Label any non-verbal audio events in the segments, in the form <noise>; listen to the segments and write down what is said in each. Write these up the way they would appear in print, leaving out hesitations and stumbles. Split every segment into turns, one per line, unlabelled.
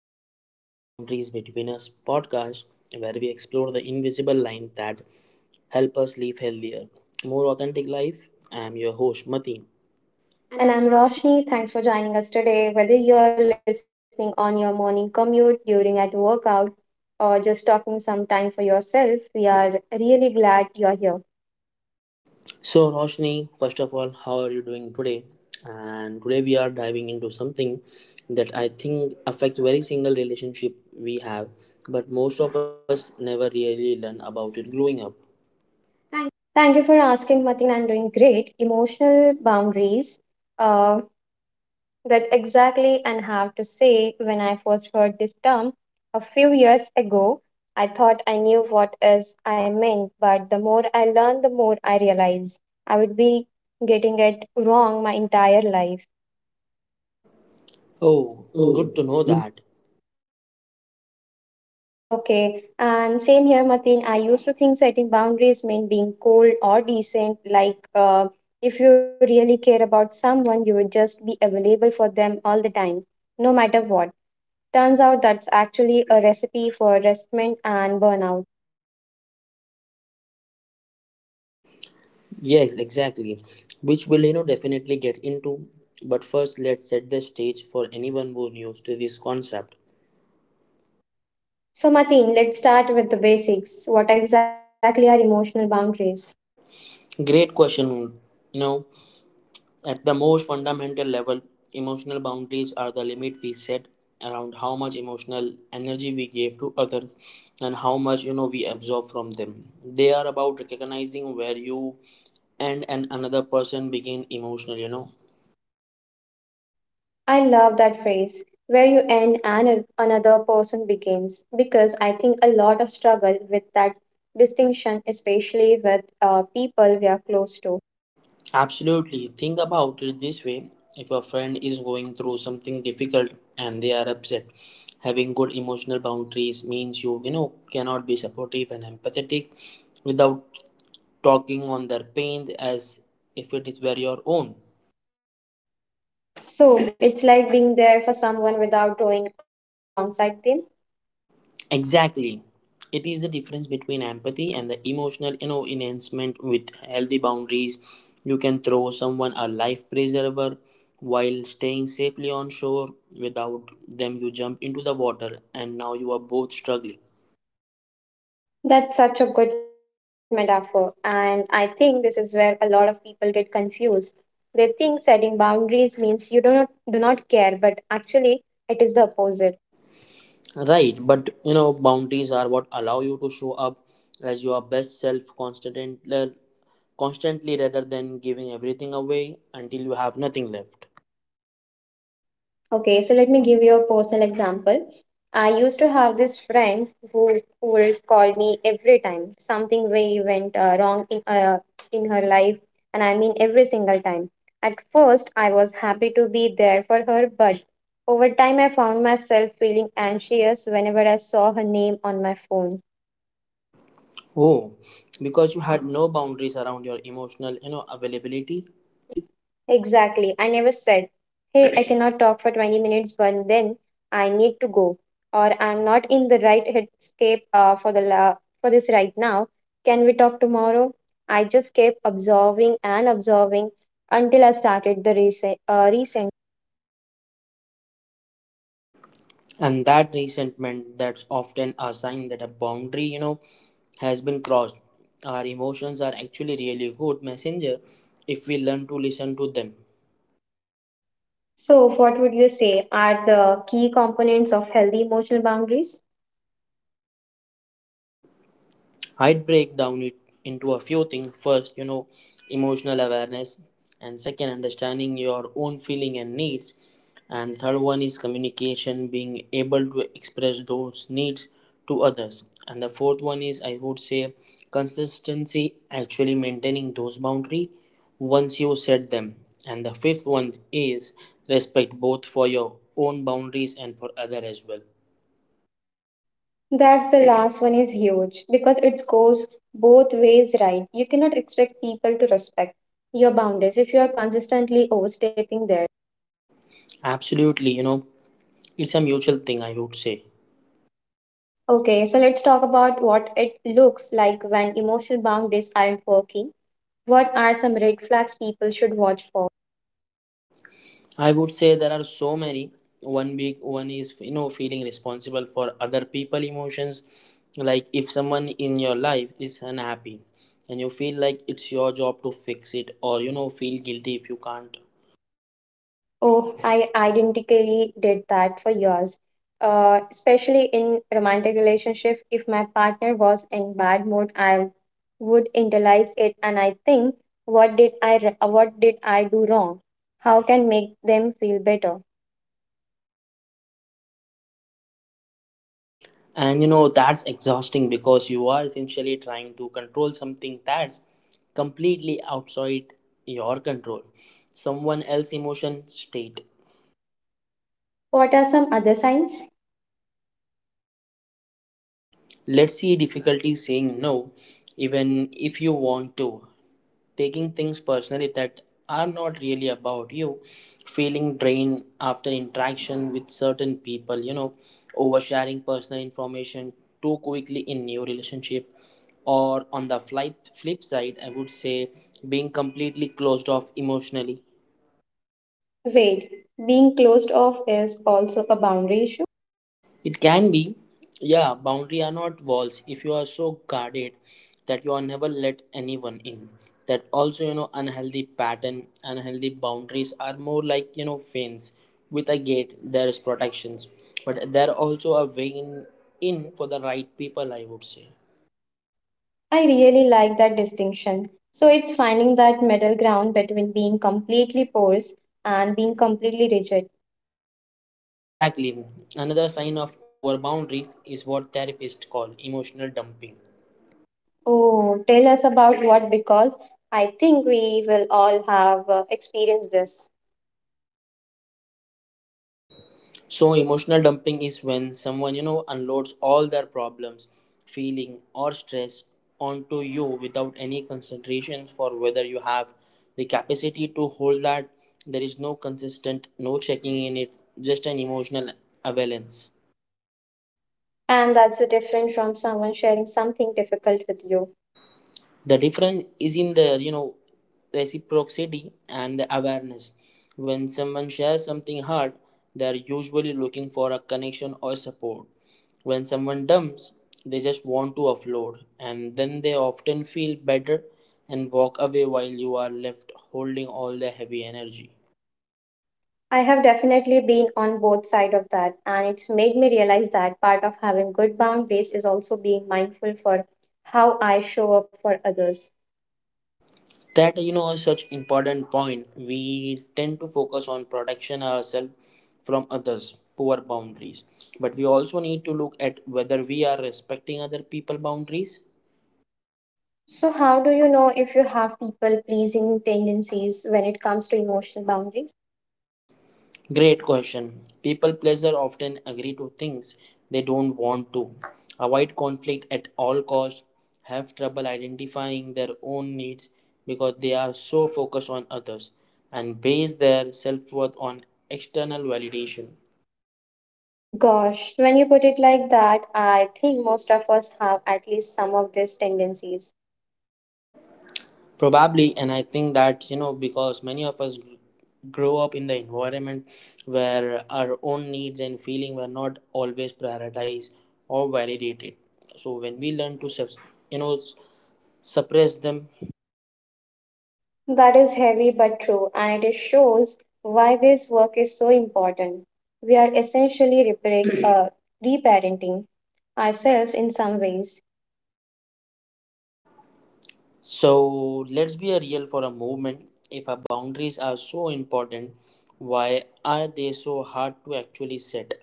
welcome back to the Boundaries Between Us podcast, where we explore the invisible line that help us live healthier, more authentic life. I am your host, Mateen. And
And
I'm
I'm
Roshni.
Roshni. Thanks for joining us today. Whether you're listening on your morning commute, during at workout, or just talking some time for yourself, we are really glad you're here.
So, Roshni, first of all, how are you doing today? And today we are diving into something that I think affects very single relationship we have, but most of us never really learn about it growing up. Thank
Thank you for asking, Martin. I'm doing great. Emotional boundaries. Uh, that exactly and have to say when I first heard this term a few years ago, I thought I knew what is I meant, but the more I learn, the more I realize I would be getting it wrong my entire life.
Oh,
Oh,
good to know
good.
that.
Okay, and same here, Mateen. I used to think setting boundaries meant being cold or decent. Like, if you really care about someone, you would just be available for them all the time, no matter what. Turns out that's actually a recipe for resentment and burnout.
Yes, exactly. Which we'll, definitely get into. But first, let's set the stage for anyone who new to this concept.
So, Mateen, let's start with the basics. What exactly are emotional boundaries?
Great question. You know, at the most fundamental level, emotional boundaries are the limit we set around how much emotional energy we give to others and how much we absorb from them. They are about recognizing where you and another person begin emotional. You know,
I love that phrase, where you end and another person begins, because I think a lot of struggle with that distinction, especially with people we are close to.
absolutely. Think about it this way if a friend is going through something difficult and they are upset, having good emotional boundaries means you, cannot be supportive and empathetic without talking on their pain as if it is were your own.
So it's like being there for someone without going alongside them.
Exactly. It is the difference between empathy and the emotional, enhancement with healthy boundaries. You can throw someone a life preserver while staying safely on shore. Without them, you jump into the water and now you are both struggling.
That's such a good metaphor, and I think this is where a lot of people get confused. They think setting boundaries means you do not care, but actually it is the opposite.
Right, but boundaries are what allow you to show up as your best self constantly, constantly rather than giving everything away until you have nothing left.
Okay, so let me give you a personal example. I used to have this friend who would call me every time something way went wrong in her life, and I mean every single time. At first, I was happy to be there for her, but over time, I found myself feeling anxious whenever I saw her name on my phone.
Oh, because you had no boundaries around your emotional, availability
Ability. Exactly. I never said, hey, I cannot talk for 20 minutes, but then I need to go, or I'm not in the right headscape for, for this right now. Can we talk tomorrow? I just kept observing and observing until I started the recent. Recent.
and that resentment that's often a sign that a boundary, has been crossed. Our emotions are actually really good messenger if we learn to listen to them.
So, what would you say are the key components of healthy emotional boundaries?
I'd break down it into a few things. First, emotional awareness, and second, understanding your own feeling and needs, and third one is communication, being able to express those needs to others, and the fourth one is I would say consistency, actually maintaining those boundaries once you set them, and the fifth one is respect both for your own boundaries and for other as well.
That's the last one is huge because it goes both ways, right? You cannot expect people to respect your boundaries if you are consistently overstepping there.
Absolutely, it's a mutual thing. I would say.
Okay, so let's talk about what it looks like when emotional boundaries aren't working. What are some red flags people should watch for?
I would say there are so many. One big one is feeling responsible for other people emotions. Like if someone in your life is unhappy and you feel like it's your job to fix it or feel guilty if you can't.
Oh, I identically did that for years. Especially in romantic relationship, if my partner was in bad mood, I would internalize it and I think, what did what did I do wrong? How can make them feel better?
And that's exhausting because you are essentially trying to control something that's completely outside your control. Someone else emotion state.
What are some other signs?
Let's see difficulty saying no even if you want to taking things personally that are not really about you feeling drained after interaction with certain people oversharing personal information too quickly in new relationship or on the flip side I would say being completely closed off emotionally.
Wait, being closed off is also a boundary issue.
It can be, yeah, boundary are not walls. If you are so guarded that you are never let anyone in, that also, unhealthy pattern, unhealthy boundaries are more like, fence. With a gate, there is protections, but there are also a way in for the right people, I would say.
I really like that distinction. So it's finding that middle ground between being completely porous and being completely rigid.
Exactly. Another sign of over boundaries is what therapists call emotional dumping.
Oh, tell us about what because I think we will all have experienced this.
So emotional dumping is when someone unloads all their problems, feeling or stress onto you without any consideration for whether you have the capacity to hold that. There is no consistent, no checking in it, just an emotional avalanche.
And that's the different from someone sharing something difficult with you.
The difference is in the, reciprocity and the awareness when someone shares something hard they are usually looking for a connection or support when someone dumps they just want to offload and then they often feel better and walk away while you are left holding all the heavy energy
I have definitely been on both sides of that, and it's made me realize that part of having good boundaries is also being mindful for how I show up for others.
that is such important point we tend to focus on protection ourselves from others poor boundaries but we also need to look at whether we are respecting other people boundaries.
So, how do you know if you have people pleasing tendencies when it comes to emotional boundaries?
Great question. People pleaser often agree to things they don't want to avoid conflict at all costs have trouble identifying their own needs because they are so focused on others and base their self-worth on external validation.
Gosh, when you put it like that, I think most of us have at least some of these tendencies.
Probably, and I think that because many of us grow up in the environment where our own needs and feeling were not always prioritized or validated. So when we learn to you know s- suppress them,
That is heavy but true, and it shows why this work is so important. We are essentially repairing, <clears throat> reparenting ourselves in some ways.
so let's be a real for a moment. If our boundaries are so important, why are they so hard to actually set?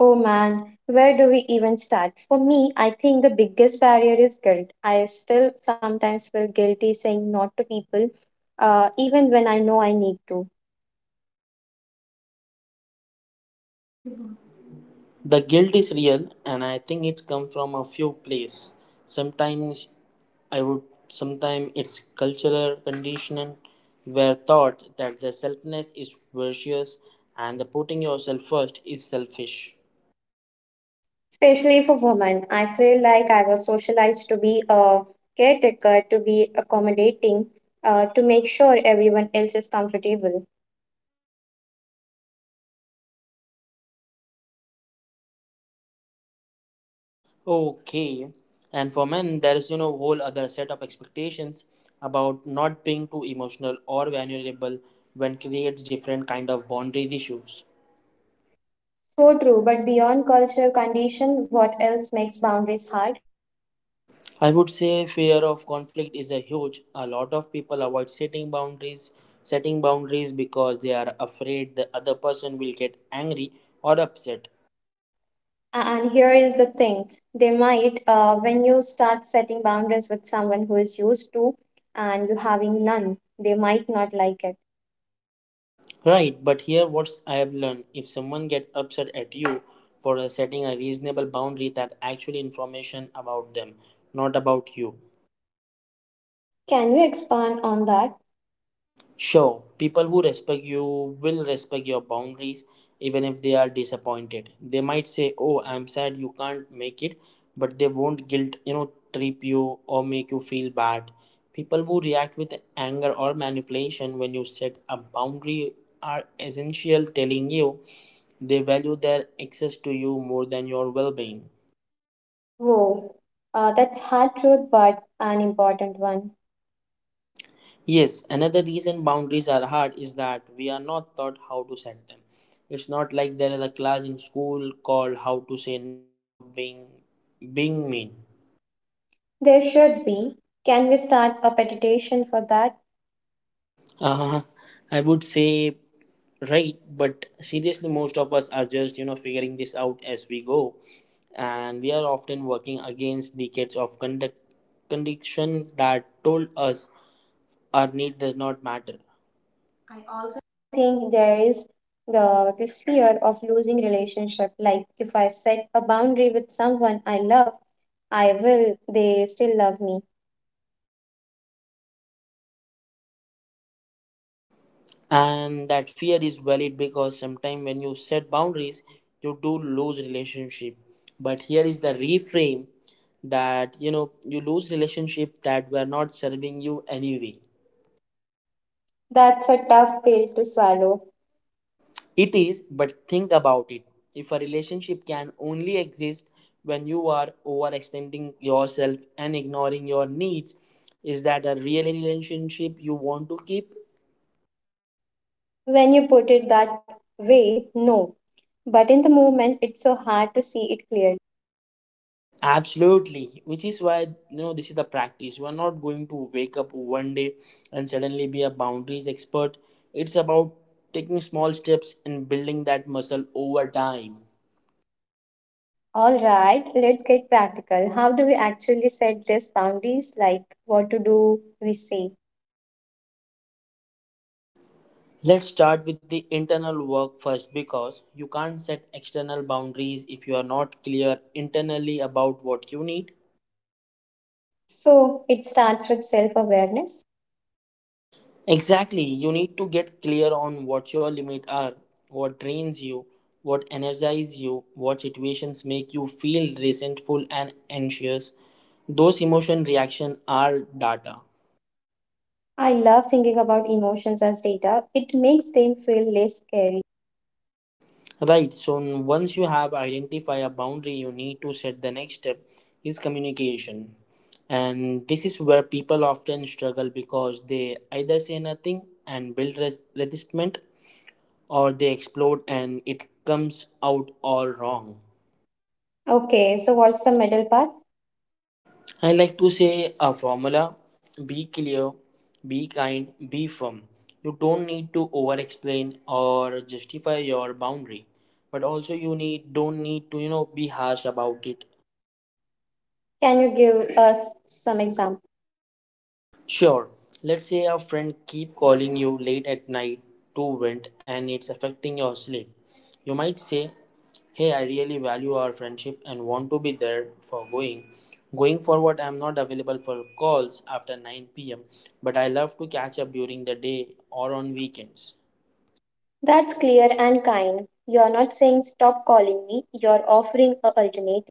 Oh man, where do we even start? For me, I think the biggest barrier is guilt. I still sometimes feel guilty saying not to people, even when I know I need to.
The guilt is real, and I think it comes from a few places. Sometimes I would, sometimes it's cultural conditioning. We're taught that the selfness is virtuous and the putting yourself first is selfish.
Especially for women, I feel like I was socialized to be a caretaker, to be accommodating, to make sure everyone else is comfortable.
Okay, and for men, there is whole other set of expectations about not being too emotional or vulnerable when creates different kind of boundaries issues.
So true, but beyond cultural condition, what else makes boundaries hard?
I would say fear of conflict is a huge. A lot of people avoid setting boundaries because they are afraid the other person will get angry or upset.
And here is the thing they might. When you start setting boundaries with someone who is used to and you having none, they might not like it.
Right, but here what I have learned if someone get upset at you for setting a reasonable boundary that actually information about them, not about you.
Can you expand on that?
Sure, people who respect you will respect your boundaries even if they are disappointed. They might say, "Oh, I'm sad you can't make it," but they won't guilt, trip you or make you feel bad. People who react with anger or manipulation when you set a boundary are essential telling you they value their access to you more than your well-being.
Whoa, that's hard truth, but an important one.
Yes, another reason boundaries are hard is that we are not taught how to set them. It's not like there is a class in school called how to say no without being mean.
There should be. Can we start a petition for that?
Uh, I would say right, but seriously, most of us are just figuring this out as we go, and we are often working against decades of conduct conditions that told us our need does not matter. I
I
also.
also think there is the this fear of losing relationship. Like if I set a boundary with someone I love, I will they still love me.
And that fear is valid because sometimes when you set boundaries you do lose relationship but here is the reframe that you lose relationship that were not serving you anyway
That's a tough pill to swallow.
it is but think about it if a relationship can only exist when you are overextending yourself and ignoring your needs is that a real relationship you want to keep.
When you put it that way, no. But in the moment, it's so hard to see it clearly.
Absolutely, which is why this is the practice. You are not going to wake up one day and suddenly be a boundaries expert. It's about taking small steps and building that muscle over time.
All right, let's get practical. How do we actually set these boundaries? Like what to do we say?
Let's start with the internal work first because you can't set external boundaries if you are not clear internally about what you need.
So it starts with self awareness.
Exactly. You need to get clear on what your limits are, what drains you, what energizes you, what situations make you feel resentful and anxious. Those emotion reaction are data.
I love thinking about emotions as data, it makes them feel less scary.
Right. So once you have identified a boundary, you need to set the next step is communication. And this is where people often struggle because they either say nothing and build resistance or they explode and it comes out all wrong.
Okay, so what's the middle part?
I like to say a formula be clear, be kind, be firm. You don't need to over explain or justify your boundary, but also you need don't need to be harsh about it.
Can you give us some example?
Sure, let's say a friend keep calling you late at night to vent and it's affecting your sleep. You might say, "Hey, I really value our friendship and want to be there for going. Going forward, I'm not available for calls after 9 p.m., but I love to catch up during the day or on weekends."
That's clear and kind. You're not saying stop calling me, you're offering a alternate.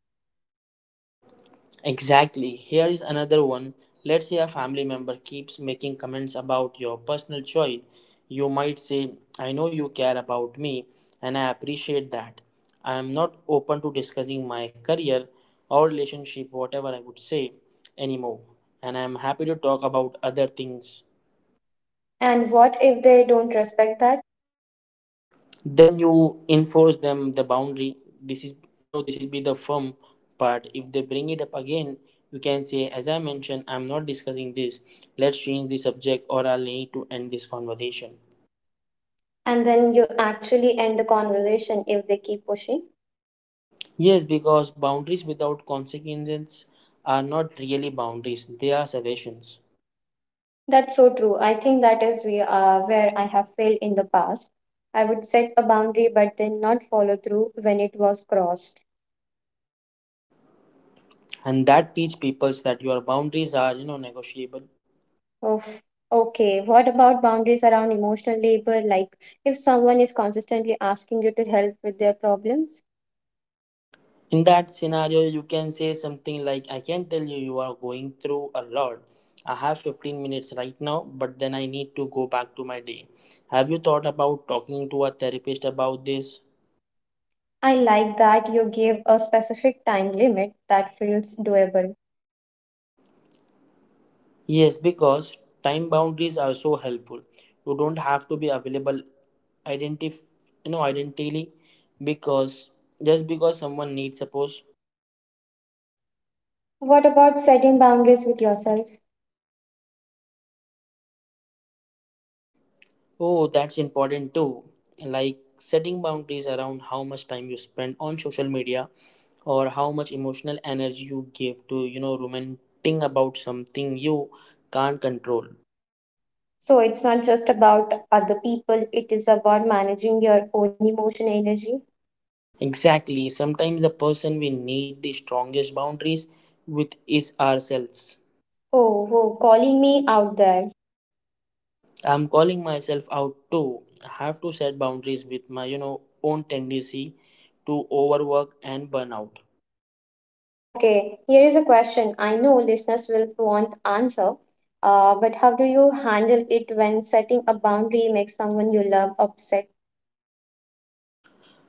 Exactly. Here is another one. Let's say a family member keeps making comments about your personal choice. You might say, I know you care about me and I appreciate that. I am not open to discussing my career or relationship, whatever I would say, anymore. And I am happy to talk about other things
And what if they don't respect that?
then you enforce them the boundary this is this will be the firm part if they bring it up again you can say as I mentioned I'm not discussing this let's change the subject or I'll need to end this conversation
And then you actually end the conversation if they keep pushing.
yes because boundaries without consequences are not really boundaries they are suggestions
That's so true. I think that is where I have failed in the past. I would set a boundary but then not follow through when it was crossed.
and that teach people that your boundaries are negotiable.
Oh, okay. What about boundaries around emotional labor? Like if someone is consistently asking you to help with their problems?
In that scenario, you can say something like, I can tell you, you are going through a lot. I have 15 minutes right now, but then I need to go back to my day. Have you thought about talking to a therapist about this?
I like that you give a specific time limit that feels doable.
Yes, because time boundaries are so helpful. You don't have to be available identif- identically because just because someone needs suppose.
What about setting boundaries with yourself?
Oh, that's important too. Like setting boundaries around how much time you spend on social media or how much emotional energy you give to, ruminating about something you can't control.
So it's not just about other people, it is about managing your own emotion energy.
Exactly. Sometimes the person we need the strongest boundaries with is ourselves.
Oh, oh, calling me out there.
I'm calling myself out too. I have to set boundaries with my, own tendency to overwork and burn out.
Okay, here is a question. I know listeners will want answer, but how do you handle it when setting a boundary makes someone you love upset?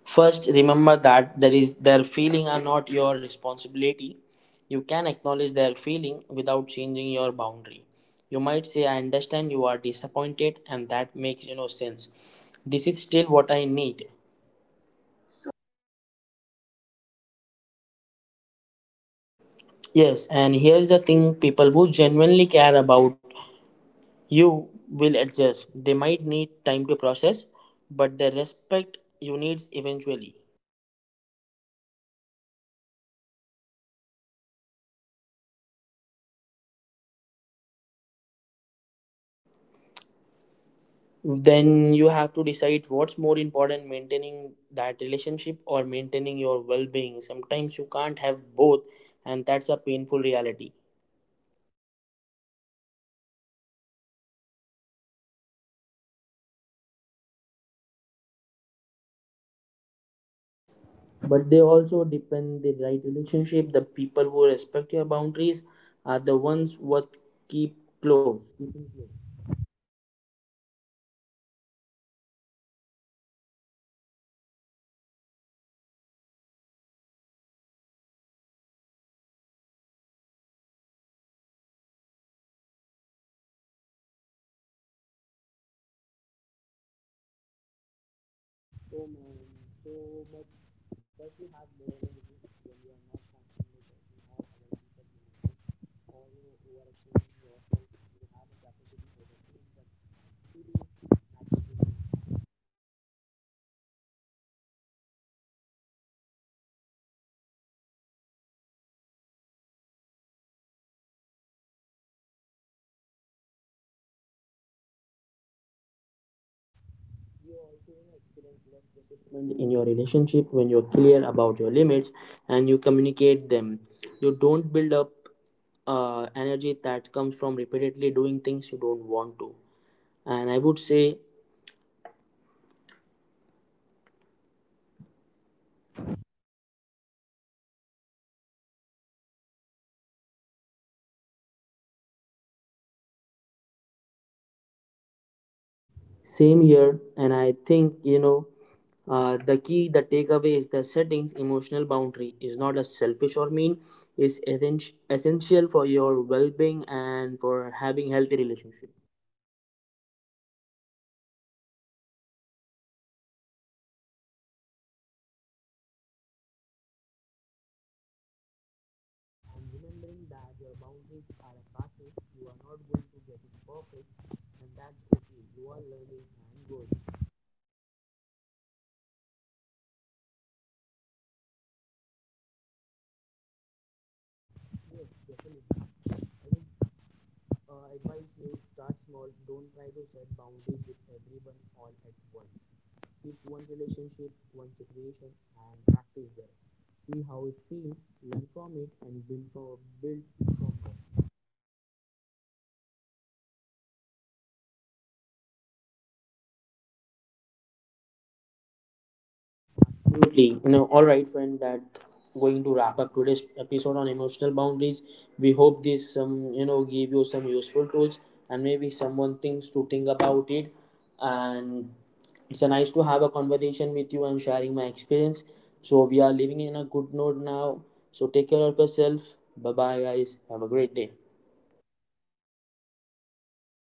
First, remember that there is their feeling are not your responsibility. You can acknowledge their feeling without changing your boundary. You might say, "I understand you are disappointed, and that makes sense. This is still what I need."
So you validate the emotion but hold the boundary.
Yes, and here's the thing: people who genuinely care about you will adjust. They might need time to process, but the respect you needs eventually.
And if they don't,
Then you have to decide what's more important maintaining that relationship or maintaining your well-being sometimes you can't have both and that's a painful reality
I think that is one of the hardest lesson about boundaries that they might cost you some relationship.
but they also depend the right relationship the people who respect your boundaries are the ones what keeping close
So, we have talked a lot about the hard parts of setting boundaries. Let's talk about why it is worth, why changes when you have healthy emotional boundaries. Okay, I have noticed that too. Since I have gotten better at boundaries, I have more energy for my own goals and interests.
commitment in your relationship when you're clear about your limits and you communicate them you don't build up energy that comes from repeatedly doing things you don't want to and I would say
Whoa, Martin, we covered a lot today. My brain is full in the best way.
same here, and I think the the takeaway is the settings emotional boundary is not a selfish or mean. Is essential for your well-being and for having healthy relationship.
It is about being honest about what you can and what you cannot, and communicate that with clarity and kindness.
Part is you are not going to get it perfect, and that's okay. You are learning
Before we go, do you have a piece of advice for someone who is just starting to set boundaries?
and growing. Advise you start small don't try to set boundaries with everyone all at once pick one relationship one situation and practice there see how it feels learn from it and build from there.
That's great advice, and I will add be patient with yourself. You are undoing years, maybe decade of conditions. This takes time.
Absolutely. All right, friend, that going to wrap up today's episode on emotional boundaries. We hope this some give you some useful tools and maybe someone thinks to think about it. And it's a nice to have a conversation with you and sharing my experience. So we are living in a good note now. So take care of yourself. Bye bye guys. Have a great day.